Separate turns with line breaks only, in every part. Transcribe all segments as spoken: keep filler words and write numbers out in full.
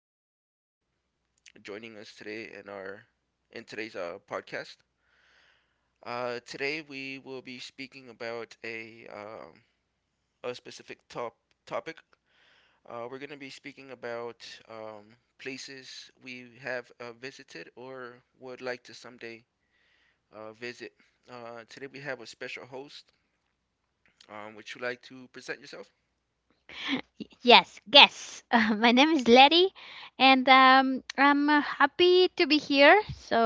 you for um, joining us today in our in today's uh, podcast. Uh, today we will be speaking about a um, a specific top topic. Uh, we're going to be speaking about um, places we have uh, visited or would like to someday uh, visit. Uh, today we have a special host. Um, would you like to present yourself?
Y- Yes, guess. Uh, my name is Letty, and um, I'm uh, happy to be here. So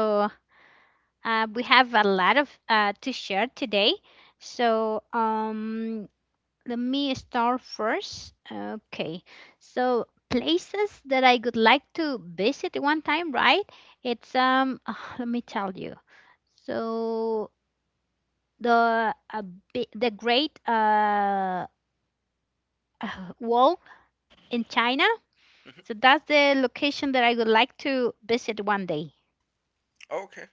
uh, we have a lot of uh, to share today. So um, Let me start first. Okay, so places that I would like to visit one time, right? It's um, let me tell you. So the uh, bi- the Great uh, Wall in China.
Mhm.
So that's the location that I would like to visit one day.
Okay.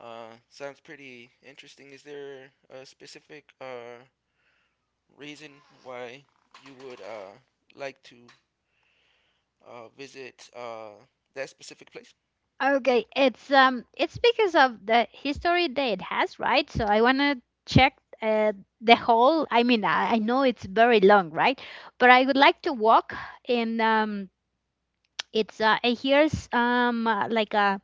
Uh, sounds pretty interesting. Is there a specific uh, reason why you would uh, like to uh, visit uh, that specific place?
Okay, it's um it's because of the history that it has, right? So I want to check uh, the whole. I mean, I, I know it's very long, right? But I would like to walk in um it's uh, I hears um uh, like uh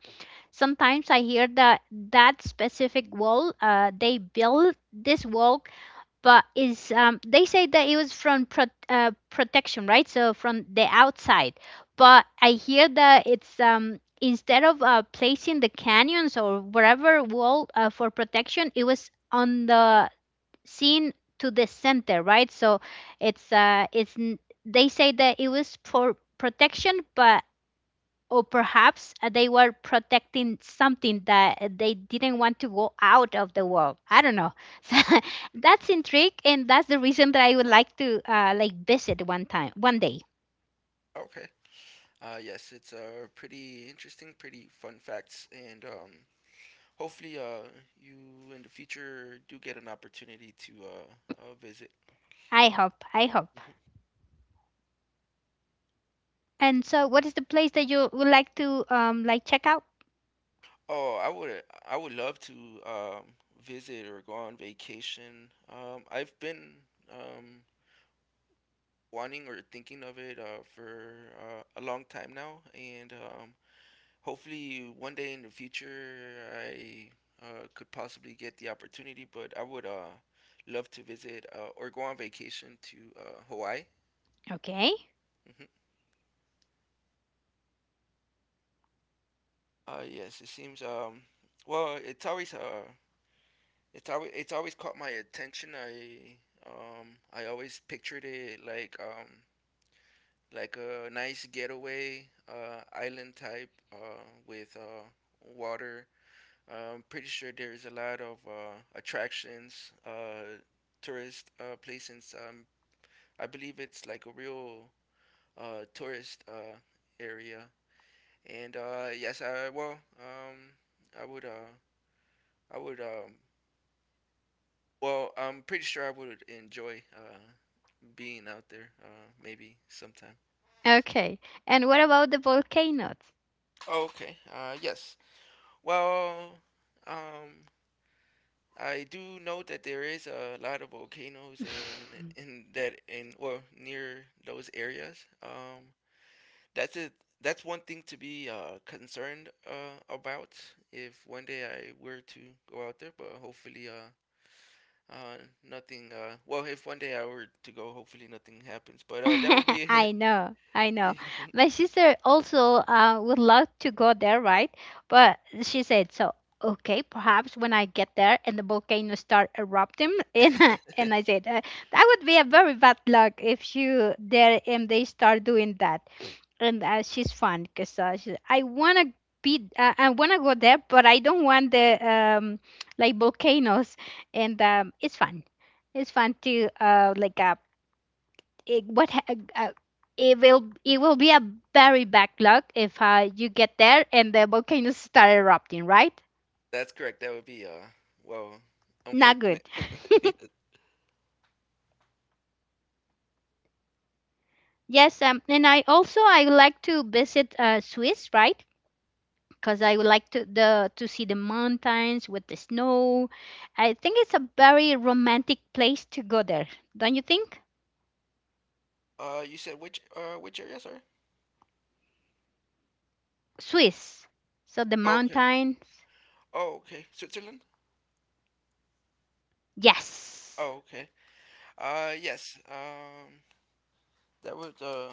sometimes I hear that that specific wall uh they built this wall but is um, they say that it was from pro- uh, protection, right? So from the outside, but I hear that it's um, instead of uh, placing the canyons or wherever wall uh, for protection, it was on the scene to the center, right? So it's uh it's n- they say that it was for protection, but or perhaps uh, they were protecting something that they didn't want to go out of the world, I don't know. So that's intrigue, and that's the reason that I would like to uh, like visit one time one day.
Okay. Uh, yes, it's uh, pretty interesting, pretty fun facts, and um, hopefully uh, you in the future do get an opportunity to uh, uh, visit.
I hope, I hope. And so what is the place that you would like to um like check out?
Oh, I would I would love to um, visit or go on vacation. Um, I've been um, wanting or thinking of it uh, for uh, a long time now, and um, hopefully, one day in the future, I uh, could possibly get the opportunity, but I would uh, love to visit uh, or go on vacation to uh, Hawaii.
Okay.
Hmm. Uh, yes, it seems. Um, well, it's always uh, it's always it's always caught my attention. I um, I always pictured it like um, like a nice getaway uh, island type uh, with uh, water. I'm pretty sure there's a lot of uh, attractions, uh, tourist uh, places. Um, I believe it's like a real uh, tourist uh, area. And uh, yes, I well, um, I would, uh, I would, um, well, I'm pretty sure I would enjoy uh, being out there, uh, maybe sometime.
Okay, and what about the volcanoes?
Okay. Uh, yes. Well, um, I do note that there is a lot of volcanoes in in that in or near those areas. Um, that's it. That's one thing to be uh, concerned uh, about if one day I were to go out there. But hopefully, uh, uh, nothing. Uh, well, if one day I were to go, hopefully nothing happens. But uh, that would be.
I know, I know. My sister also uh, would love to go there, right? But she said, so okay, perhaps when I get there and the volcano start erupting, and I- and I said uh, that would be a very bad luck if you there and they start doing that. And uh, she's fun because uh, she, I wanna be, uh, I wanna go there, but I don't want the um like volcanoes, and um, it's fun. It's fun to uh like uh it, what ha- uh, uh, it will it will be a very bad luck if uh, you get there and the volcanoes start erupting, right?
That's correct. That would be uh, well,
Not good.
unfortunate.
Yes, um, and I also I would like to visit uh, Swiss, right? Because I would like to the to see the mountains with the snow. I think it's a very romantic place to go there, don't you think?
Uh, you said which uh which area, sorry?
Swiss, so the
Okay.
mountains.
Oh, okay. Switzerland?
Yes,
Oh, okay. Uh, yes. Um, that would uh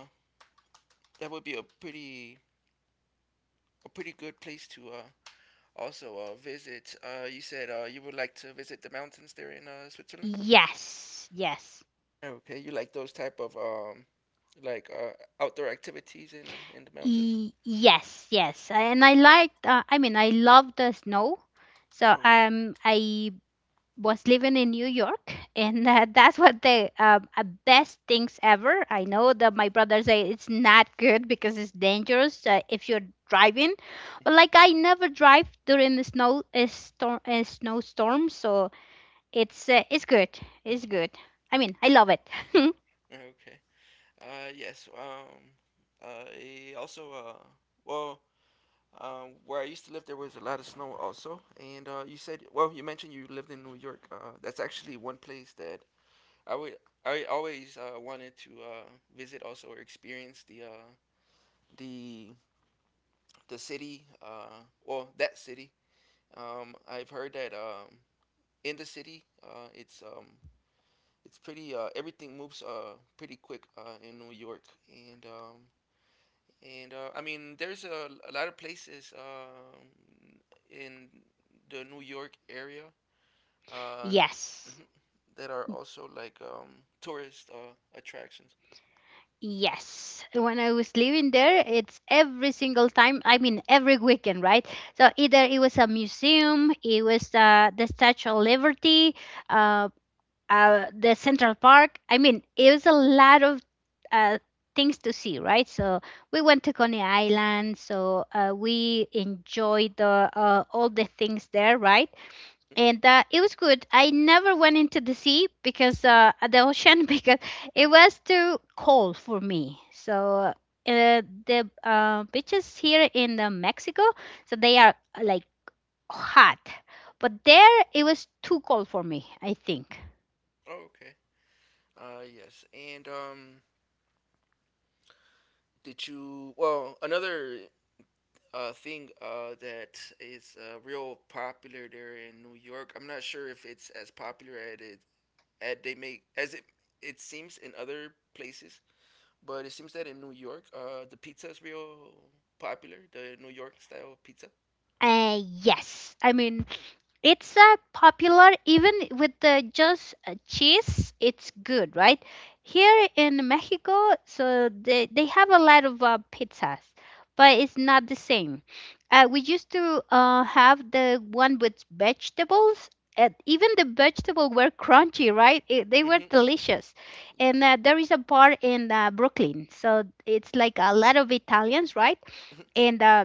that would be a pretty a pretty good place to uh also uh visit. Uh, you said uh you would like to visit the mountains there in uh Switzerland.
yes. Yes.
Okay, you like those type of um like uh outdoor activities in in the mountains.
Y- yes, yes. And I liked, uh, I mean, I love the snow. So
Okay.
um, I was living in New York, and uh, that's what the um, uh, best things ever. I know that my brother say it's not good because it's dangerous uh, if you're driving, but like I never drive during the snow a storm, a snowstorm, so it's uh, it's good, it's good. I mean, I
Mhm.
love it.
Oh, okay. Uh, yes. Um, I also uh well. Um, where I used to live, there was a lot of snow also. And uh, you said, well, you mentioned you lived in New York. Uh, that's actually one place that I would I always uh, wanted to uh, visit also or experience the uh, the the city, uh, well that city. Um, I've heard that um, in the city uh, it's um, it's pretty uh, everything moves uh, pretty quick uh, in New York, and um, and uh, I mean there's a, a lot of places um, in the New York area, uh,
Yes.
mhm, that are also like um, tourist uh, attractions.
Yes, when I was living there, it's every single time. I mean, every weekend, right? So either it was a museum, it was uh, the Statue of Liberty, uh, uh, the Central Park. I mean, it was a lot of uh, things to see, right? So we went to Coney Island, so uh, we enjoyed the, uh, all the things there, right? And uh, it was good. I never went into the sea because uh, the ocean because it was too cold for me. So uh, the uh, beaches here in uh, Mexico, so they are uh, like hot, but there it was too cold for me, I think.
Oh, okay. Uh, yes, and um, did you? Well, another uh thing uh that is uh real popular there in New York. I'm not sure if it's as popular at it at they make as it it seems in other places, but it seems that in New York, uh, the pizza is real popular. The New York style pizza.
Uh, yes, I mean it's a popular even with the just uh, cheese, it's good, right? Here in Mexico, so they, they have a lot of uh, pizzas, but it's not the same. Uh, we used to uh, have the one with vegetables, and even the vegetables were crunchy, right? It, they were
Mm-hmm.
delicious.
Yes.
And uh, there is a bar in uh, Brooklyn, so it's like a lot of Italians, right?
Mm-hmm.
And uh,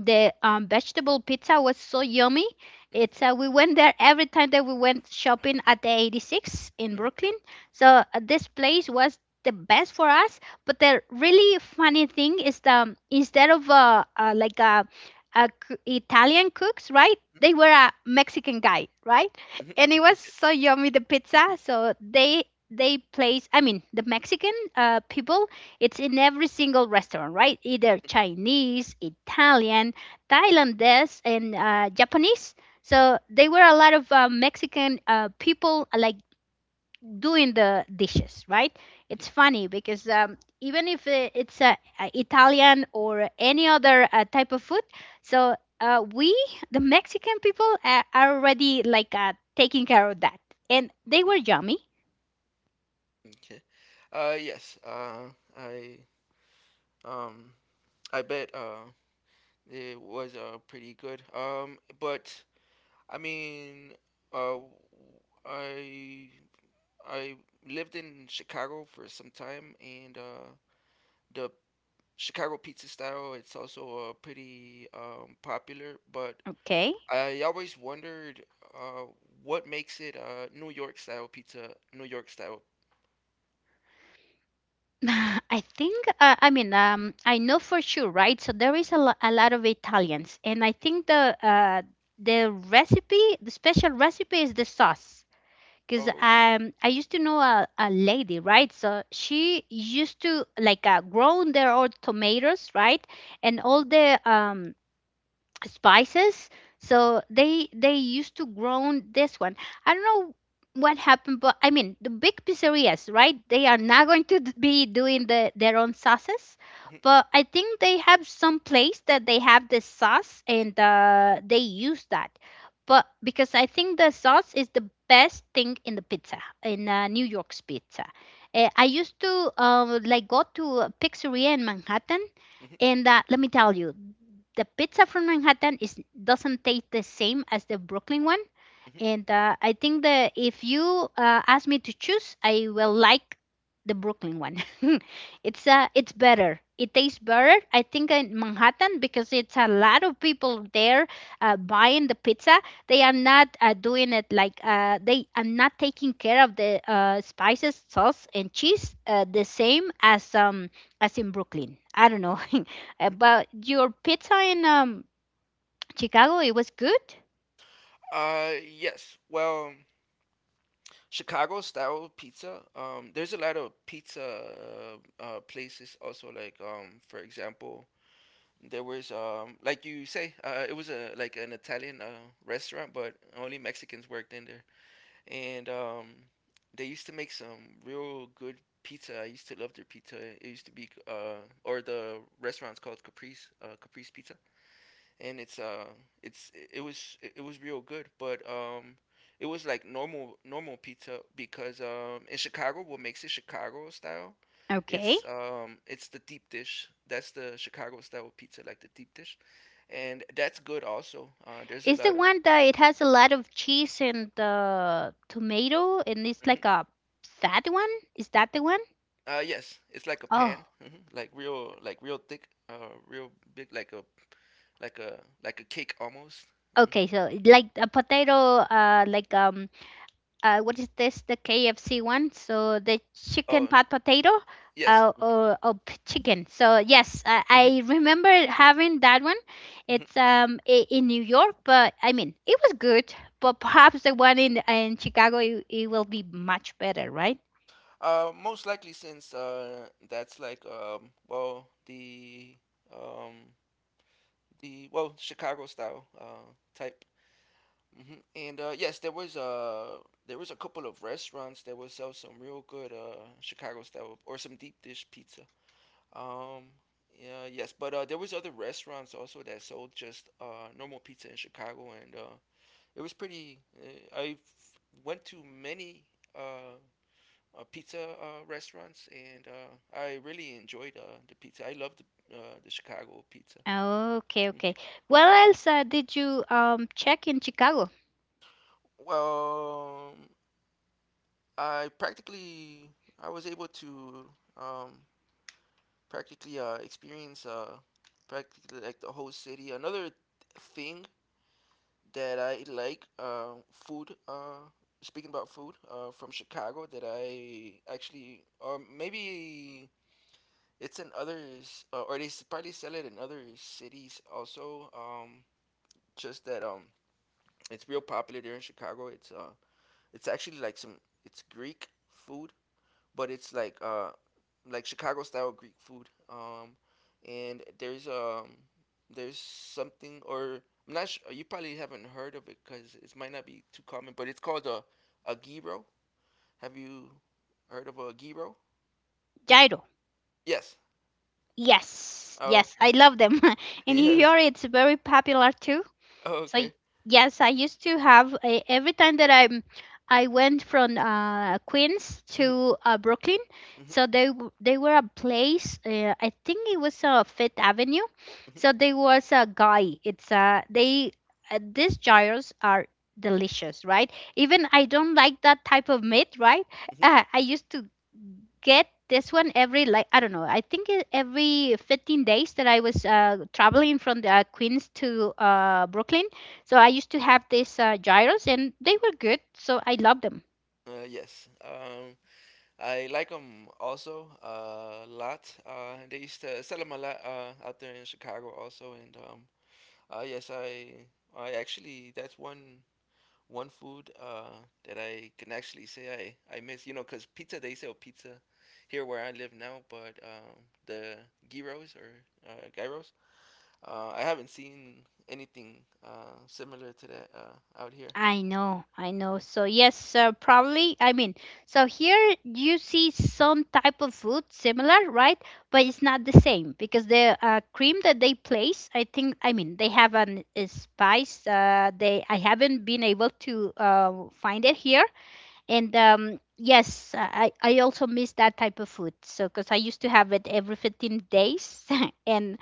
the um, vegetable pizza was so yummy. It's uh, we went there every time that we went shopping at the eighty-six in
Mm-hmm.
Brooklyn. So uh, this place was the best for us. But the really funny thing is the um, instead of uh, uh, like a, a c- Italian cooks, right? They were a Mexican guy, right?
Hmm.
And it was
Okay.
so yummy the pizza. So they they place, I mean the Mexican uh, people, it's in every single restaurant, right? Either Chinese, Italian, Thailandese, and uh, Japanese. So there were a lot of uh, Mexican uh, people uh, like doing the dishes, right? It's funny because um, even if uh, it's uh, uh, Italian or any other uh, type of food, so uh, we, the Mexican people, uh, are already like uh, taking care of that, and they were yummy.
Okay. Uh yes. Uh I um I bet uh it was uh pretty good. Um, but I mean, uh, I I lived in Chicago for some time, and uh, the Chicago pizza style it's also uh, pretty um, popular. But
Okay.
I always wondered uh, what makes it uh, New York style pizza, New York style.
I think, uh, I mean, um, I know for sure, right? So there is a, lo- a lot of Italians, and I think the uh, the recipe, the special recipe is the sauce. Because
Oh, okay.
um, I used to know a, a lady, right? So she used to like uh, grown their own tomatoes, right? And all the um, spices, so they they used to grow this one. I don't know what happened, but I mean the big pizzerias, right? They are not going to d- be doing the, their own sauces,
Mhm,
but I think they have some place that they have the sauce, and uh, they use that. But because I think the sauce is the best thing in the pizza, in uh, New York's pizza. Eh, I used to um, like go to a pizzeria in Manhattan,
mhm,
and uh, let me tell you, the pizza from Manhattan is doesn't taste the same as the Brooklyn one.
mhm,
And uh, I think that if you uh, ask me to choose, I will like the Brooklyn one. it's uh, it's better. It tastes better. I think in Manhattan because it's a lot of people there uh, buying the pizza. They are not uh, doing it like uh, they are not taking care of the uh, spices, sauce, and cheese uh, the same as um as in Brooklyn. I don't know. Uh,
mhm.
but your pizza in um, Chicago, it was good.
Uh, yes. Well. Chicago style pizza. Um, there's a lot of pizza uh, uh, places also. Like um, for example, there was um, like you say, uh, it was a like an Italian uh, restaurant, but only Mexicans worked in there. And um, they used to make some real good pizza. I used to love their pizza. It used to be uh, or the restaurant's called Caprice uh, Caprice Pizza, and it's uh it's it was it was real good, but um it was like normal normal pizza. Because um in Chicago, what makes it Chicago style,
Okay.
it's um it's the deep dish. That's the Chicago style pizza, like the deep dish, and that's good also. Uh there's a
It's the
lot of
one that it has a lot of cheese and uh, tomato, and it's like
hmm.
a fat one. Is that the one?
Uh yes, it's like a pan,
Oh,
hmm, like real like real thick, uh real big, like a like a like a cake almost. Hmm.
okay. So like a potato, uh, like um, uh, what is this? The K F C one. So the chicken
Oh,
pot potato,
yes.
uh, or, or p- chicken. So yes, I, I remember having that one. It's um i- in New York, but I mean it was good. But perhaps the one in in Chicago, it, it will be much better, right?
Uh, most likely, since uh, that's like um, well the um, the well Chicago style uh, type. Hmm. And uh, yes, there was uh, there was a couple of restaurants that would sell some real good uh, Chicago style or some deep dish pizza. Um, yeah, yes, but uh, there was other restaurants also that sold just uh, normal pizza in Chicago, and uh, it was pretty. Uh, I went to many. Uh, uh, pizza uh, restaurants, and uh, I really enjoyed uh, the pizza. I loved the, uh, the Chicago pizza.
Oh, okay, okay. What else uh, did you um check in Chicago?
Well, I practically I was able to um, practically uh, experience uh, practically like the whole city. Another thing that I like uh, food. Uh, speaking about food uh, from Chicago, that I actually or maybe it's in others, uh, or they s- probably sell it in other cities also. Um, just that um, It's real popular there in Chicago. It's uh, it's actually like some it's Greek food, but it's like uh, like Chicago style Greek food. Um, and there's um, there's something or I'm not sure, you probably haven't heard of it because it might not be too common, but it's called a a gyro. Have you heard of a gyro?
Gyro.
Yes.
Yes,
Oh,
yes, I
okay.
love them. In New
Yes.
York, it's very popular too.
Oh,
So y-
okay.
yes, I used to have a, every time that I'm I went from uh, Queens to uh, Brooklyn.
Mhm,
So they w- they were a place. Uh, I think it was uh, Fifth Avenue.
mhm.
So there was a guy. It's uh they uh, These gyros are delicious, right? Even I don't like that type of meat, right?
Mhm.
Uh, I used to get this one every like I don't know. I think it- every fifteen days that I was uh, traveling from the, uh, Queens to uh, Brooklyn, so I used to have these uh, gyros, and they were good, so I love them.
Uh, yes. Um, I like them also uh, a lot. Uh, they used to sell them a lot uh, out there in Chicago also. And um, uh, yes, I I actually, that's one one food uh, that I can actually say I, I miss. You know, cause pizza, they sell pizza here where I live now, but um, the gyros or uh, gyros, uh, I haven't seen anything uh, similar to that uh, out here.
I know, I know.
Mm.
So yes, uh, probably. I mean, so here you see some type of food similar, right? But it's not the same because the uh, cream that they place, I think, I mean, they have an a spice. Uh, they I haven't been able to uh, find it here. And um yes, i i also miss that type of food, so because I used to have it every fifteen days and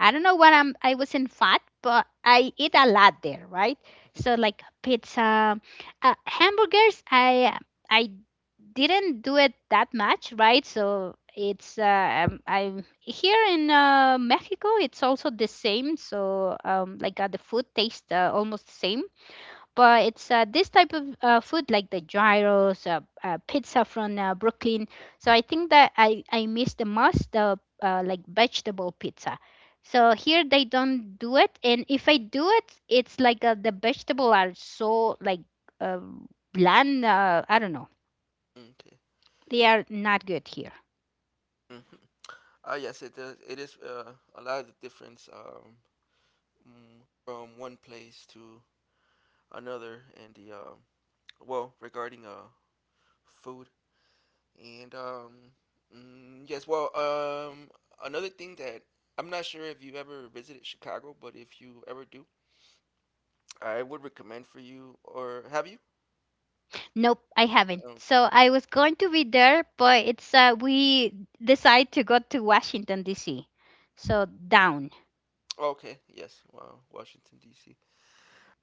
I don't know when i'm I wasn't fat, but I eat a lot there, right?
Mhm,
So like pizza, uh, hamburgers, i i didn't do it that much, right? So it's uh, um, I'm here in uh, Mexico, it's also the same, so um like uh, the food tastes uh, almost the same. But it's uh, this type of uh, food, like the gyros, uh, uh, pizza from uh, Brooklyn. So I think that I, I miss the most the uh, like vegetable pizza. So here they don't do it, and if I do it, it's like uh, the vegetable are so like uh, bland. Uh, I don't know.
mhm.
They are not good here.
Okay. Uh, yes, it is. It is uh, a lot of the difference, um, mm, from one place to another, and the um well, regarding uh food, and um mm, yes, well, um another thing that I'm not sure if you ever visited Chicago, but if you ever do, I would recommend for you, or have you?
Nope, I haven't. So
Okay.
I was going to be there, but it's uh, we decide to go to Washington D C. So down
Okay, yes, wow, Washington D C.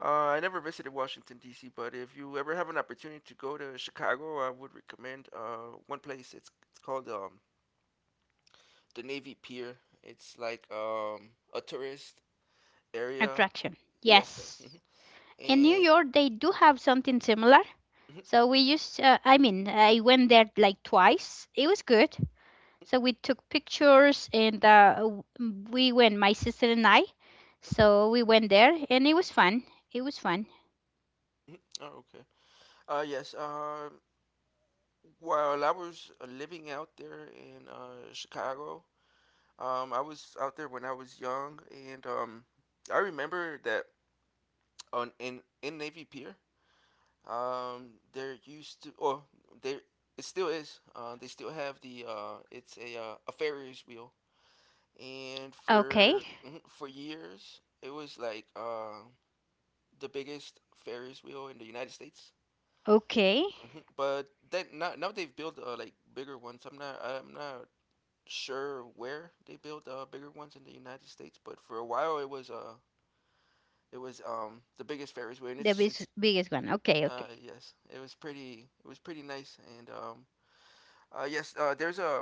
Uh, I never visited Washington D C, but if you ever have an opportunity to go to Chicago, I would recommend uh one place. It's it's called um the Navy Pier. It's like um a tourist area.
attraction.
Yes. uh,
Yes.
mhm.
In New
And
York they do have something similar.
mhm,
So we used, uh, I mean, I went there like twice. It was good. So we took pictures and uh, w- we went, my sister and I. So we went there and it was fun. It was fun.
mhm. Oh, okay. Uh, yes. Um, while I was uh, living out there in uh Chicago, um, I was out there when I was young, and um, I remember that on in in Navy Pier. Um, there used to, or there It still is. Uh, they still have the uh, it's a uh, a Ferris wheel, and
Okay.
for mhm, for years it was like uh, the biggest Ferris wheel in the United States.
Okay.
Hmm. But then now now they've built uh, like bigger ones. I'm not I'm not sure where they built uh, bigger ones in the United States, but for a while it was uh it was um the biggest Ferris wheel, and
The
it's
bis-
it's
biggest one. Okay.
uh
Okay.
yes, it was pretty, it was pretty nice, and um Uh, yes, uh, there's a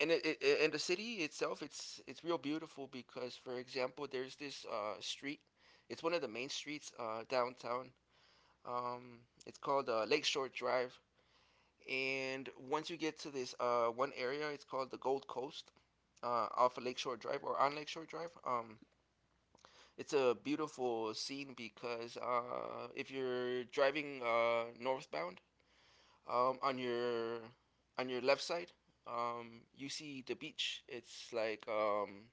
and it, it and the city itself, it's it's real beautiful because, for example, there's this uh, street. It's one of the main streets uh, downtown. Um, it's called uh, Lakeshore Drive, and once you get to this uh, one area, it's called the Gold Coast, uh, off of Lakeshore Drive, or on Lakeshore Drive. Um, it's a beautiful scene because uh, if you're driving uh, northbound. Um, on your on your left side, um, you see the beach. It's like um,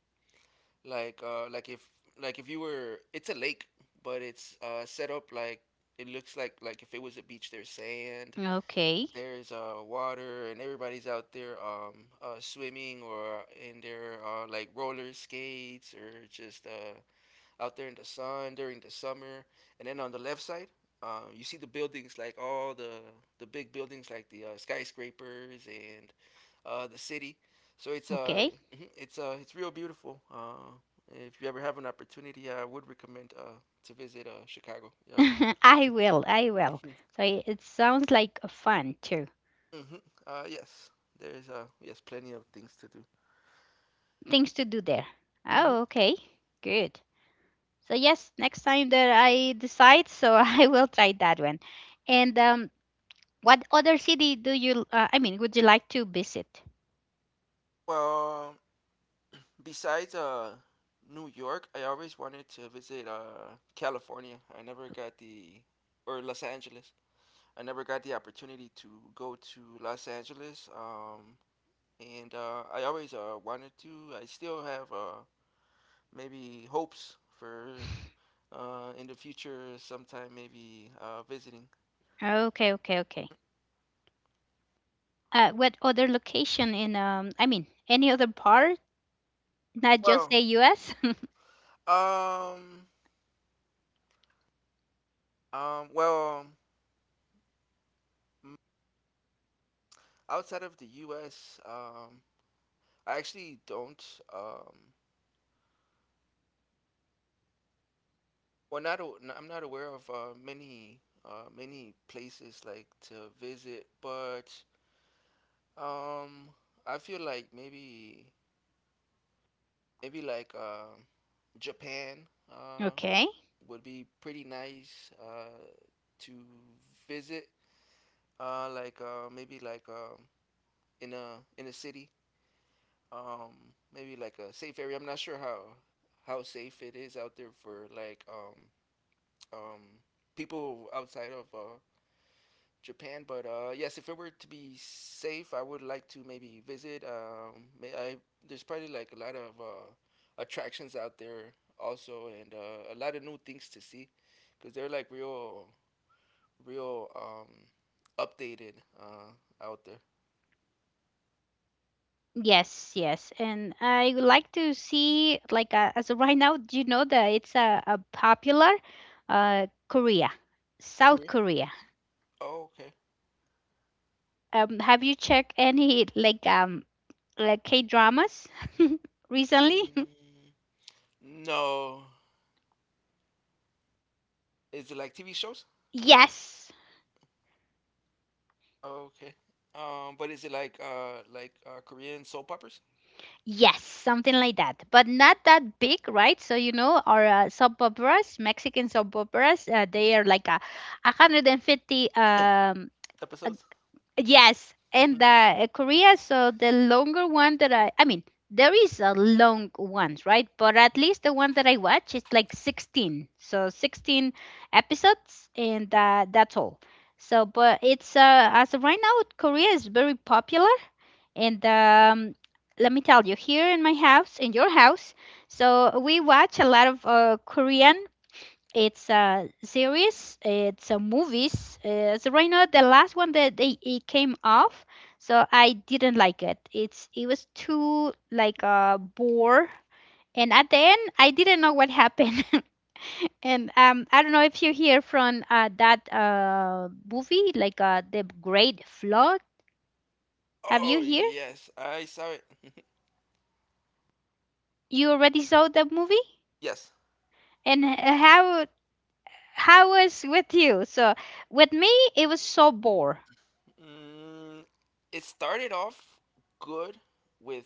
like uh, like if like if you were, it's a lake, but it's uh, set up like it looks like like if it was a beach. There's sand,
Okay.
there's uh, water, and everybody's out there um, uh, swimming or in their uh, like roller skates, or just uh, out there in the sun during the summer. And then on the left side, um, you see the buildings, like all the the big buildings like the uh, skyscrapers and uh, the city. So it's uh
Okay.
mhm, it's uh it's real beautiful. Uh, if you ever have an opportunity, I would recommend uh to visit uh Chicago. Yeah.
I will. I will. So it it sounds like a fun too.
hmm Uh yes, there's uh yes plenty of things to do.
Things to do there.
hmm
Oh, okay. Good. So yes, next time that I decide, so I will try that one. And um, What other city do you? Uh, I mean, would you like to visit?
Well, besides uh, New York, I always wanted to visit uh, California. I never got the, or Los Angeles. I never got the opportunity to go to Los Angeles. Um, and uh, I always uh, wanted to. I still have uh, maybe hopes for uh, in the future sometime maybe uh, visiting.
Okay, okay, okay. Uh, what other location in? Um, I mean, any other part, not just
Well,
the U S
um, um, well, um, outside of the U S, um, I actually don't. Um, Well, not a, n- I'm not aware of uh, many uh, many places like to visit, but um, I feel like maybe maybe like um Japan uh,
Okay.
would be pretty nice uh, to visit. Uh, like uh, maybe like um, in a in a city, um, maybe like a safe area. I'm not sure how how safe it is out there for like um, um, people outside of uh, Japan. But uh, yes, if it were to be safe, I would like to maybe visit. Um, may I, there's probably like a lot of uh, attractions out there also, and uh, a lot of new things to see, because they're like real, real um, updated uh, out there.
Yes, yes, and I would like to see like uh, as of right now, do you know that it's a, a popular uh Korea, South
Korea.
Korea.
Oh, okay.
Um, have you checked any like um like K dramas recently?
Mm, no, is it like T V shows?
Yes.
Oh, okay. Um, but is it like uh like uh Korean soap operas
Yes, something like that, but not that big, right? So you know, our uh, soap operas, Mexican soap operas, uh, they are like a one hundred fifty um.
episodes?
Yes, and the uh, Korea, so the longer one that I, I mean, there is a long ones, right? But at least the one that I watch is like sixteen. So sixteen episodes and uh, that's all. So, but it's, uh, as of right now, Korea is very popular. And um, let me tell you, here in my house, in your house, so we watch a lot of uh, Korean it's a series. It's a movies. Uh, so right now, the last one that they it came off, so I didn't like it. It's it was too like uh, bore, and at the end, I didn't know what happened. And um, I don't know if you hear from uh, that uh movie, like uh, the Great Flood. Have you
Oh
hear?
yes, I saw it.
You already saw the movie,
Yes.
and uh, how how was with you? So with me, it was so bore.
Mm, it started off good with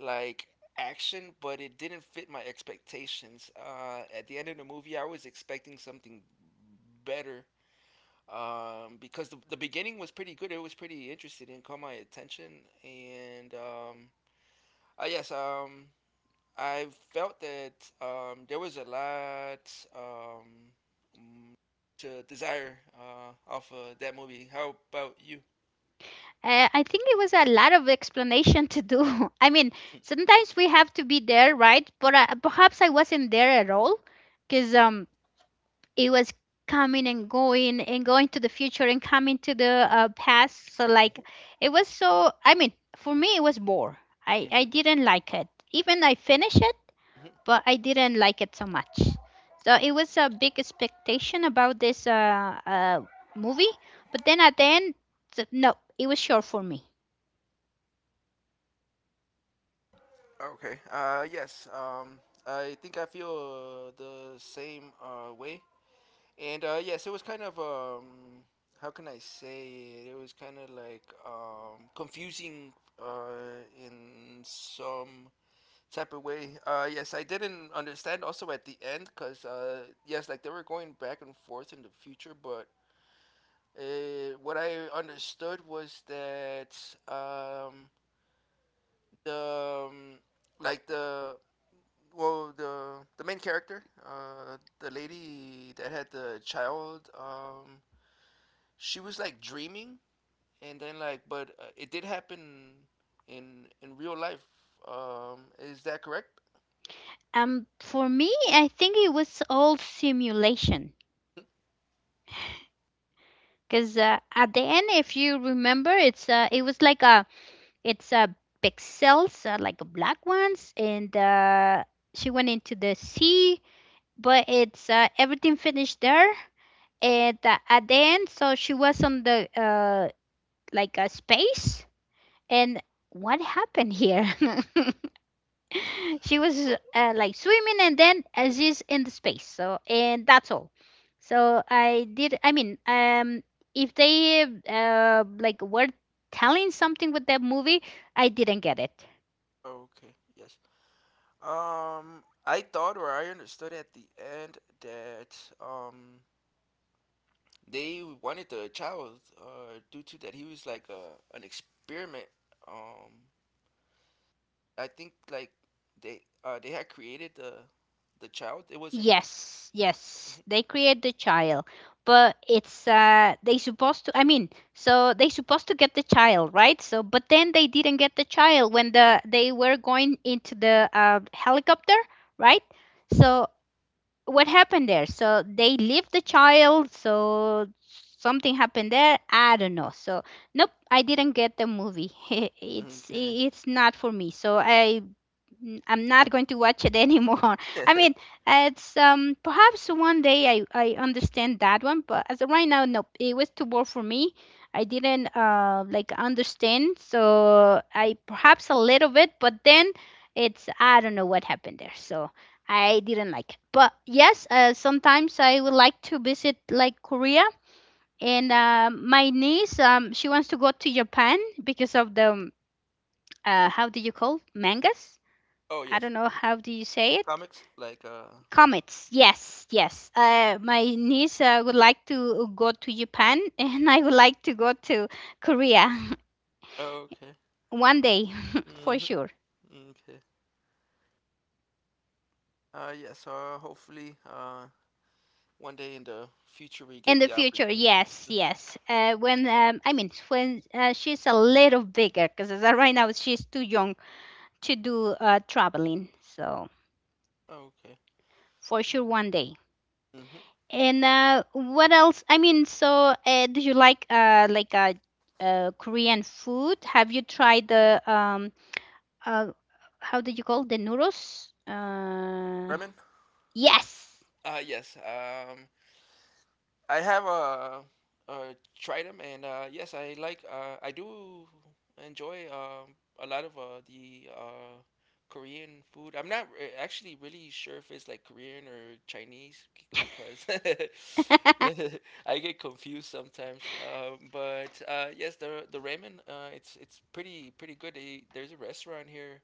like action, but it didn't fit my expectations. Uh, at the end of the movie, I was expecting something better um, because the, the beginning was pretty good. It was pretty interesting and caught my attention. And um, uh, yes, um, I felt that um, there was a lot um, mm, to desire uh, off of that movie. How about you?
Uh, I think it was a lot of explanation to do. I mean, sometimes we have to be there, right? But uh, perhaps I wasn't there at all because um, it was coming and going and going to the future and coming to the uh, past. So, like, it was so, I mean, for me, it was bore. I, I didn't like it. Even I finished it,
Mhm.
but I didn't like it so much. So, it was a big expectation about this uh, uh, movie. But then at the end, th- no, it was short for me.
Okay. Uh, yes. Um, I think I feel uh, the same uh, way. And uh, yes, it was kind of um, how can I say it? It was kind of like um, confusing uh, in some type of way. Uh, yes, I didn't understand also at the end because uh, yes, like they were going back and forth in the future, but uh, what I understood was that um, the um, like the well the the main character, uh, the lady that had the child, um, she was like dreaming, and then like, but uh, it did happen in in real life. Um, is that correct?
Um, for me, I think it was all simulation. Because uh, at the end, if you remember, it's uh, it was like a it's uh, pixels, uh, like black ones, and uh, she went into the sea. But it's uh, everything finished there, and uh, at the end, so she was on the uh, like a space. And what happened here? She was
But
uh, like swimming and then Aziz in the space. So and that's all. So I did. I mean, um, if they uh, like were telling something with that movie, I didn't get it.
Okay, yes. Um, I thought or I understood at the end that um they wanted the child uh due to that he was like a an experiment um I think like they uh they had created the the child. It wasn't
Yes, yes, they create the child, but it's uh they supposed to. I mean, so they supposed to get the child, right? So, but then they didn't get the child when the they were going into the uh, helicopter, right? So what happened there? So they leave the child. So something happened there. I don't know. So nope, I didn't get the movie.
Mhm.
it's
Okay.
it's not for me. So I n- I'm not going to watch it anymore. I mean, it's um perhaps one day I I understand that one, but as of right now, nope, it was too bored for me. I didn't uh like understand, so I perhaps a little bit, but then it's I don't know what happened there, so I didn't like it. But yes, uh, sometimes I would like to visit like Korea, and um my niece um she wants to go to Japan because of the um, uh how do you call mangas?
Oh
I
yes,
don't know how do you say it?
comics like uh
Comets. Yes, yes. Uh, my niece uh, would like to go to Japan, and I would like to go to Korea
oh, okay.
one day for
hmm
sure.
Okay. Uh yes. Uh hopefully uh one day in the future we
In
get
the
the
future,
opportunity.
yes,
Mhm.
yes. Uh, when um, I mean, when uh, she's a little bigger, because right now she's too young to do uh, traveling. So
Okay.
for sure,
hmm
one day.
hmm
And uh, what else? I mean, so uh, do you like uh like uh, uh Korean food? Have you tried the um uh how do you call the noodles? Uh
Bremen.
yes.
Uh yes. Um I have uh, uh, tried them, and uh, yes, I like. Uh, I do enjoy um, a lot of uh, the uh, Korean food. I'm not re- actually really sure if it's like Korean or Chinese c- because yeah, I get confused sometimes. Um, but uh, yes, the the ramen. Uh, it's it's pretty pretty good. They, there's a restaurant here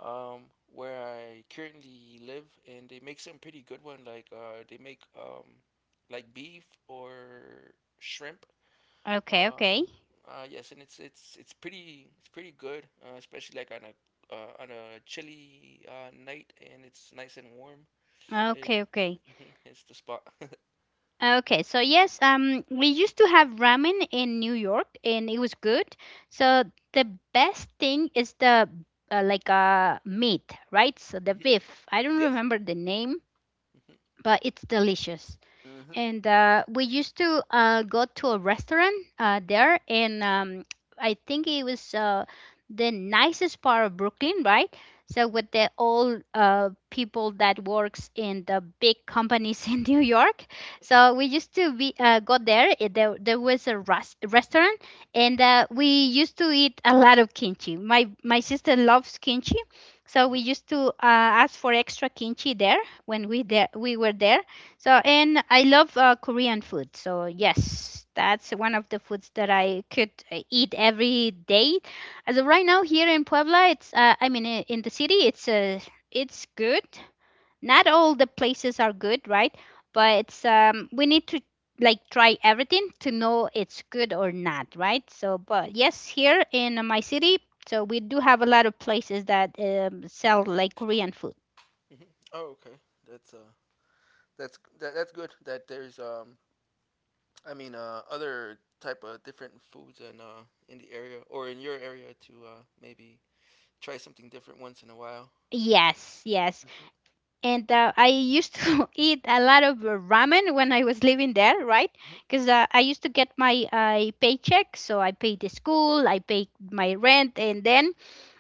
um, where I currently live, and they make some pretty good one. Like uh, they make um, like beef or shrimp.
Okay,
Uh,
okay.
uh, yes, and it's it's it's pretty it's pretty good, uh, especially like on a uh, on a chilly uh, night, and it's nice and warm. It
Okay, okay.
mhm, it's the spot.
Okay, so yes, um we used to have ramen in New York and it was good. So the best thing is the uh, like uh meat, right? So the
Mhm.
beef. I don't
Yes.
remember the name, but it's delicious.
Mhm, mhm,
And uh, we used to uh, go to a restaurant uh, there and um, I think it was uh, the nicest part of Brooklyn, right? So with the old uh, people that works in the big companies in New York, so we used to be uh, go there It- there, there was a rest, restaurant and uh, we used to eat a lot of kimchi. My my sister loves kimchi, so we
mhm,
used to uh, ask for extra kimchi there when we there we were there. So, and I love uh, Korean food. So, yes, that's one of the foods that I could uh, eat every day. As of right now, here in Puebla, it's uh, I mean, i- in the city, it's uh, it's good. Not all the places are good, right? But it's um, we need to like try everything to know it's good or not, right? So, but yes, here in my city, so we do have a lot of places that um, sell like Korean food.
mhm. Oh, okay. That's uh that's that, that's good that there's um I mean, uh, other type of different foods in uh, in the area or in your area to uh, maybe try something different once in a while.
Yes, yes.
Mhm,
And uh, I used to eat a lot of uh, ramen when I was living there, right?
mhm,
Because uh, I used to get my uh, paycheck, so I paid the school, I paid my rent, and then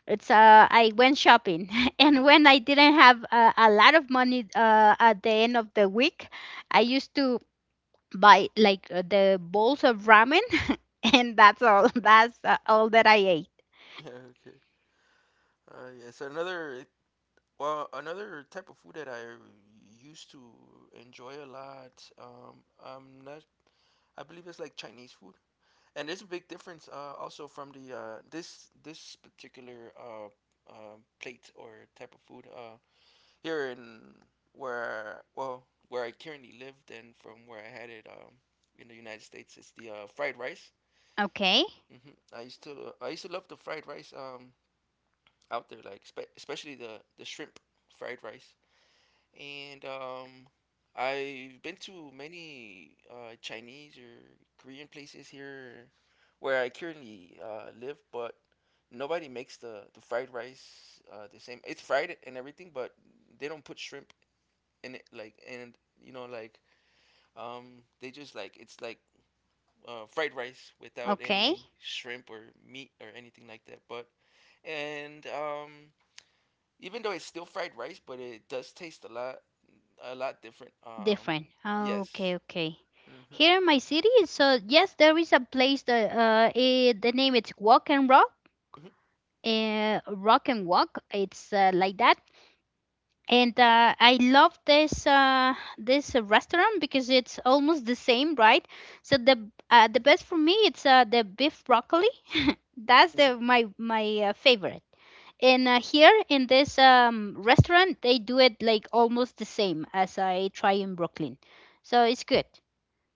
it's uh, I went shopping.
mhm.
And when I didn't have uh, a lot of money uh, at the end of the week, I used to buy like uh, the bowls of ramen, and that's all. That's uh, all that I ate.
Yeah, okay. Uh, yeah. So another well, another type of food that I used to enjoy a lot. Um, I'm not. I believe it's like Chinese food, and there's a big difference uh, also from the uh, this this particular uh, uh, plate or type of food. Uh, here in where well where I currently live and from where I had it um in the United States is the uh, fried rice.
Okay,
hmm I used to lo- I used to love the fried rice um out there like spe- especially the the shrimp fried rice and um I've been to many uh, Chinese or Korean places here where I currently uh, live but nobody makes the the fried rice uh, the same. It's fried and everything but they don't put shrimp and it, like and you know like um they just like it's like uh, fried rice without
okay.
any shrimp or meat or anything like that. But and um Even though it's still fried rice, but it does taste a lot a lot different. Um
Different. Okay,
yes.
okay.
Mm-hmm.
Here in my city, so yes, there is a place that uh, it, the name it's Walk and Rock, uh, Rock and Walk. It's uh, like that, and uh, I love this uh, this uh, restaurant because it's almost the same, right? So the uh, the best for me it's uh, the beef broccoli. That's
Mm-hmm.
the
hmm
my my uh, favorite. And uh, here in this um, restaurant, they do it like almost the same as I try in Brooklyn, so it's good.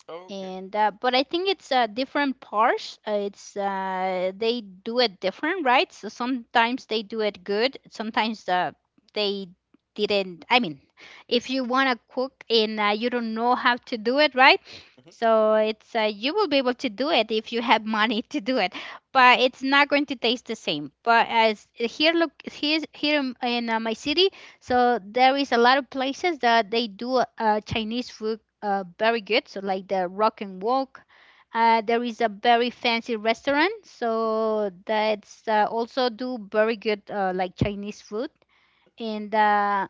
Oh, okay.
And uh, but I think it's uh, different parts. Uh, it's uh, they do it different, right? So sometimes they do it good. Sometimes uh, they didn't. I mean, if you wanna cook and uh, you don't know how to do it, right?
Mm-hmm.
So it's uh, you will be able to do it if you have money to do it, but
hmm
it's not going to taste the same. But as here, look here, here in in, uh, my city, so there is a lot of places that they do uh, Chinese food uh, very good. So like the Rock and Walk. Uh, there is a very fancy restaurant, so that's uh, also do very good uh, like Chinese food. And uh,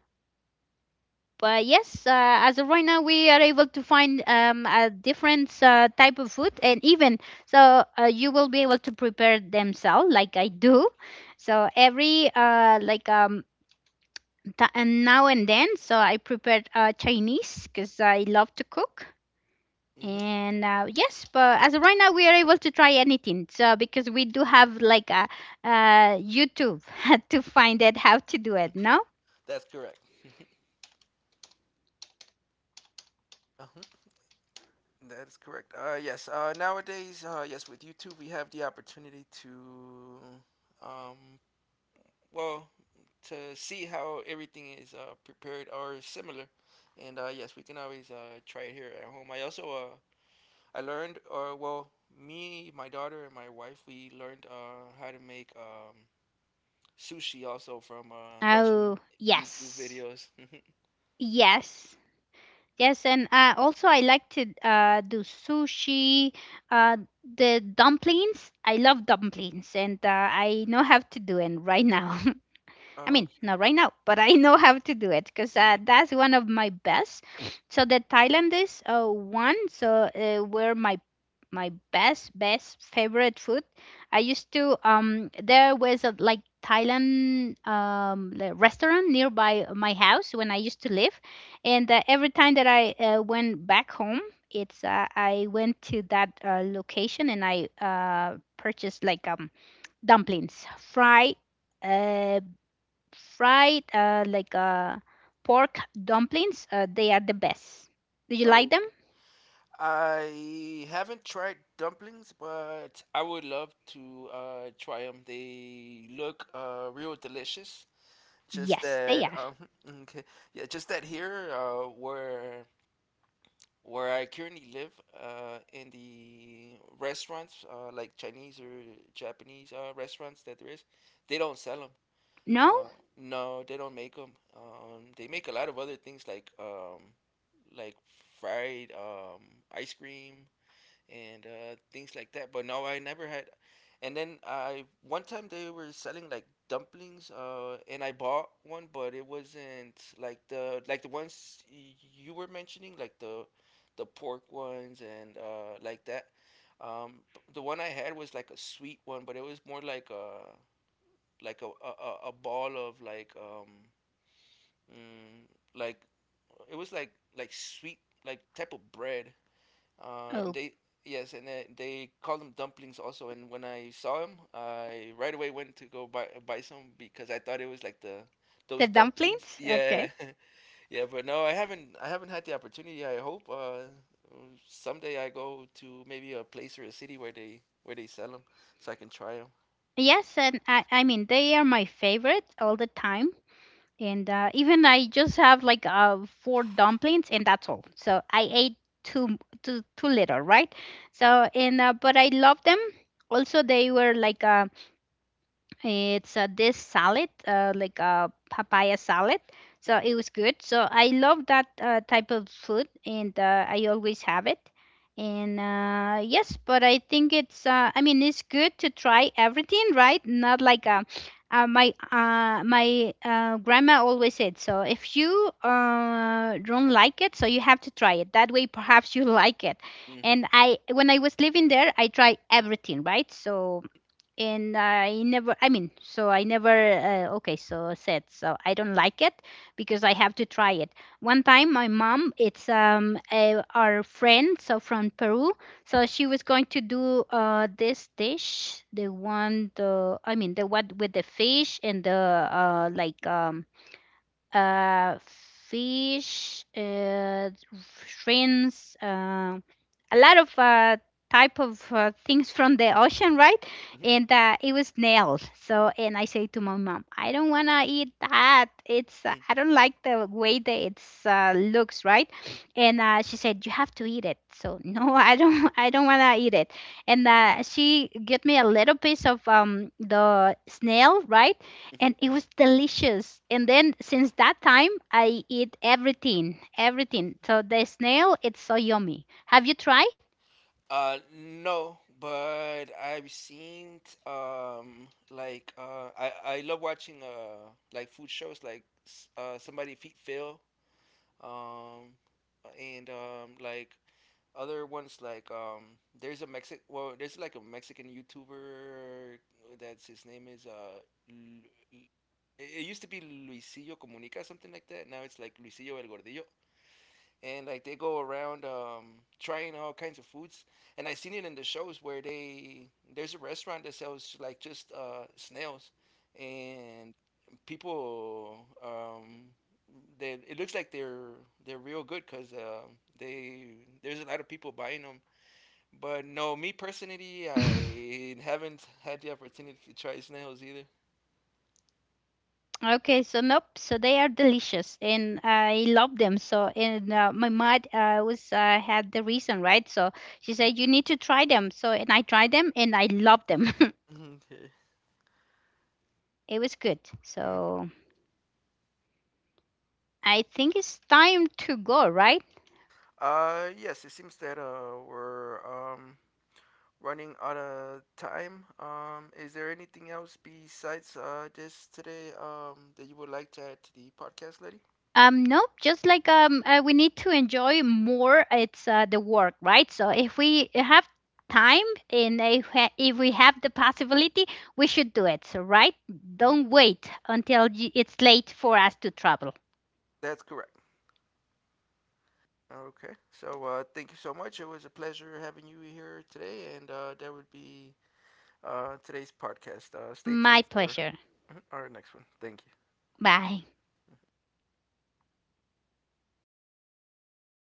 but yes, uh, as of right now, we are able to find um, a different uh, type of food, and even so, uh, you will be able to prepare themselves, like I do. So every uh, like um, Th- and now and then, so I prepared uh, Chinese because I love to cook.
hmm
And uh, yes, but as of right now, we are able to try anything. So because we do have like a uh, YouTube to find out how to do it. No?
That's correct. Mhm. Uh-huh. That is correct. Uh, yes. Uh, nowadays, uh, yes, with YouTube, we have the opportunity to um, well to see how everything is uh, prepared or similar. And uh, yes, we can always uh, try it here at home. I also uh, I learned, or well, me, my daughter, and my wife, we learned uh, how to make um, sushi also from uh, watching
Oh,
YouTube
yes,
videos.
yes, yes. And uh, also, I like to uh, do sushi. Uh, the dumplings, I love dumplings, and uh, I know how to do it right now. I
Oh,
mean, not right now, but I know how to do it because
okay.
uh,
hmm
that's one of my best. So the Thailandese uh, one, so uh, were my my best best favorite food. I used to um there was a like Thailand um the restaurant nearby my house when I used to live, and uh, every time that I uh, went back home, it's uh, I went to that uh, location and I uh purchased like um dumplings, fried. Uh, fried uh, like uh, pork dumplings. Uh, they are the best. Do you like
Oh,
them?
okay. I haven't tried dumplings, but I would love to uh, try them. They look uh, real delicious, just
Yes, they
that,
are.
um, okay, yeah, just that here, uh, where where I currently live, uh, in the restaurants, uh, like Chinese or Japanese, uh, restaurants that there is, they don't sell them.
No?
Uh, no, they don't make them. Um, they make a lot of other things like, um, like fried, um, ice cream, and uh, things like that. But no, I never had. And then I one time they were selling like dumplings, uh, and I bought one, but it wasn't like the like the ones y- you were mentioning, like the the pork ones and uh, like that. Um, b- the one I had was like a sweet one, but it was more like a like a a, a a ball of like um mm, like it was like like sweet like type of bread uh, and
Oh,
they yes, and they, they call them dumplings also. And when I saw them, I right away went to go buy buy some because I thought it was like the
the
those dumplings.
dumplings?
Yeah,
Okay.
yeah. But no, I haven't I haven't had the opportunity. I hope uh, someday I go to maybe a place or a city where they where they sell them so I can try
Yes, and I, I mean they are my favorite all the time. And uh, even I just have like uh, four dumplings and that's all. So I ate too too too little, right? So and uh, but I love them. Also, they were like um it's uh, this salad, uh, like a papaya salad. So it was good. So I love that uh, type of food, and uh, I always have it. And uh, yes, but I think it's. Uh, I mean, it's good to try everything, right? Not like uh, uh, my uh, my uh, grandma always said. So if you uh, don't like it, so you have to try it. That way, perhaps you like it.
them.
And I, when I was living there, I tried everything, right? So and I never, I mean, so I never, uh, okay, so said, so I don't like it because I have to try it. One time, my mom, it's um a, our friend, so from Peru, so she was going to do uh this dish, the one, the I mean, the one with the fish and the uh like um uh, fish, uh, shrimps, uh, a lot of uh, type of uh, things from the ocean, right?
hmm
And uh, it was nails. So, and I say to my mom, I don't wanna eat that. It's uh, I don't like the way that it's uh, looks, right? And uh, she said, you have to eat it. So no, I don't, I don't wanna eat it. And uh, she gave me a little piece of um, the snail, right? And it was delicious. And then since that time, I eat everything, everything. So the snail, it's so yummy. Have you tried?
Uh, no, but I've seen um like uh I I love watching uh like food shows like s- uh somebody feet Phil um and um like other ones like um there's a Mexic well there's like a Mexican YouTuber that's his name is uh Lu- Lu- it it used to be Luisillo Comunica something like that, now it's like Luisillo El Gordillo, and like they go around um, trying all kinds of foods. And I seen it in the shows where they there's a restaurant that sells like just uh, snails, and people um, they it looks like they're they're real good because uh, they there's a lot of people buying them. But no, me personally, I haven't had the opportunity to try snails either.
Okay, so nope. So they are delicious, and I love them. So, and uh, my mom uh, was uh, had the reason, right? So she
Mhm.
said you need to try them. So, and I tried them, and I love them.
Mhm. Okay.
It was good.
Mhm.
So I think it's time to go, right?
Uh, yes, it seems that uh, we're um running out of time. Um, is there anything else besides uh, this today um, that you would like to add to the podcast, lady?
Um, no, just like um, uh, we need to enjoy more. It's uh, the work, right? So if we have time and if, ha- if we have the possibility, we should do it. So, right?
hmm
Don't wait until y- it's late for us to travel.
That's correct. Okay. So uh, thank you so much. It was a pleasure having you here today, and uh, that would be uh, today's podcast. Uh, stay
My
tuned for
pleasure.
mhm, our next one. Thank you.
Bye.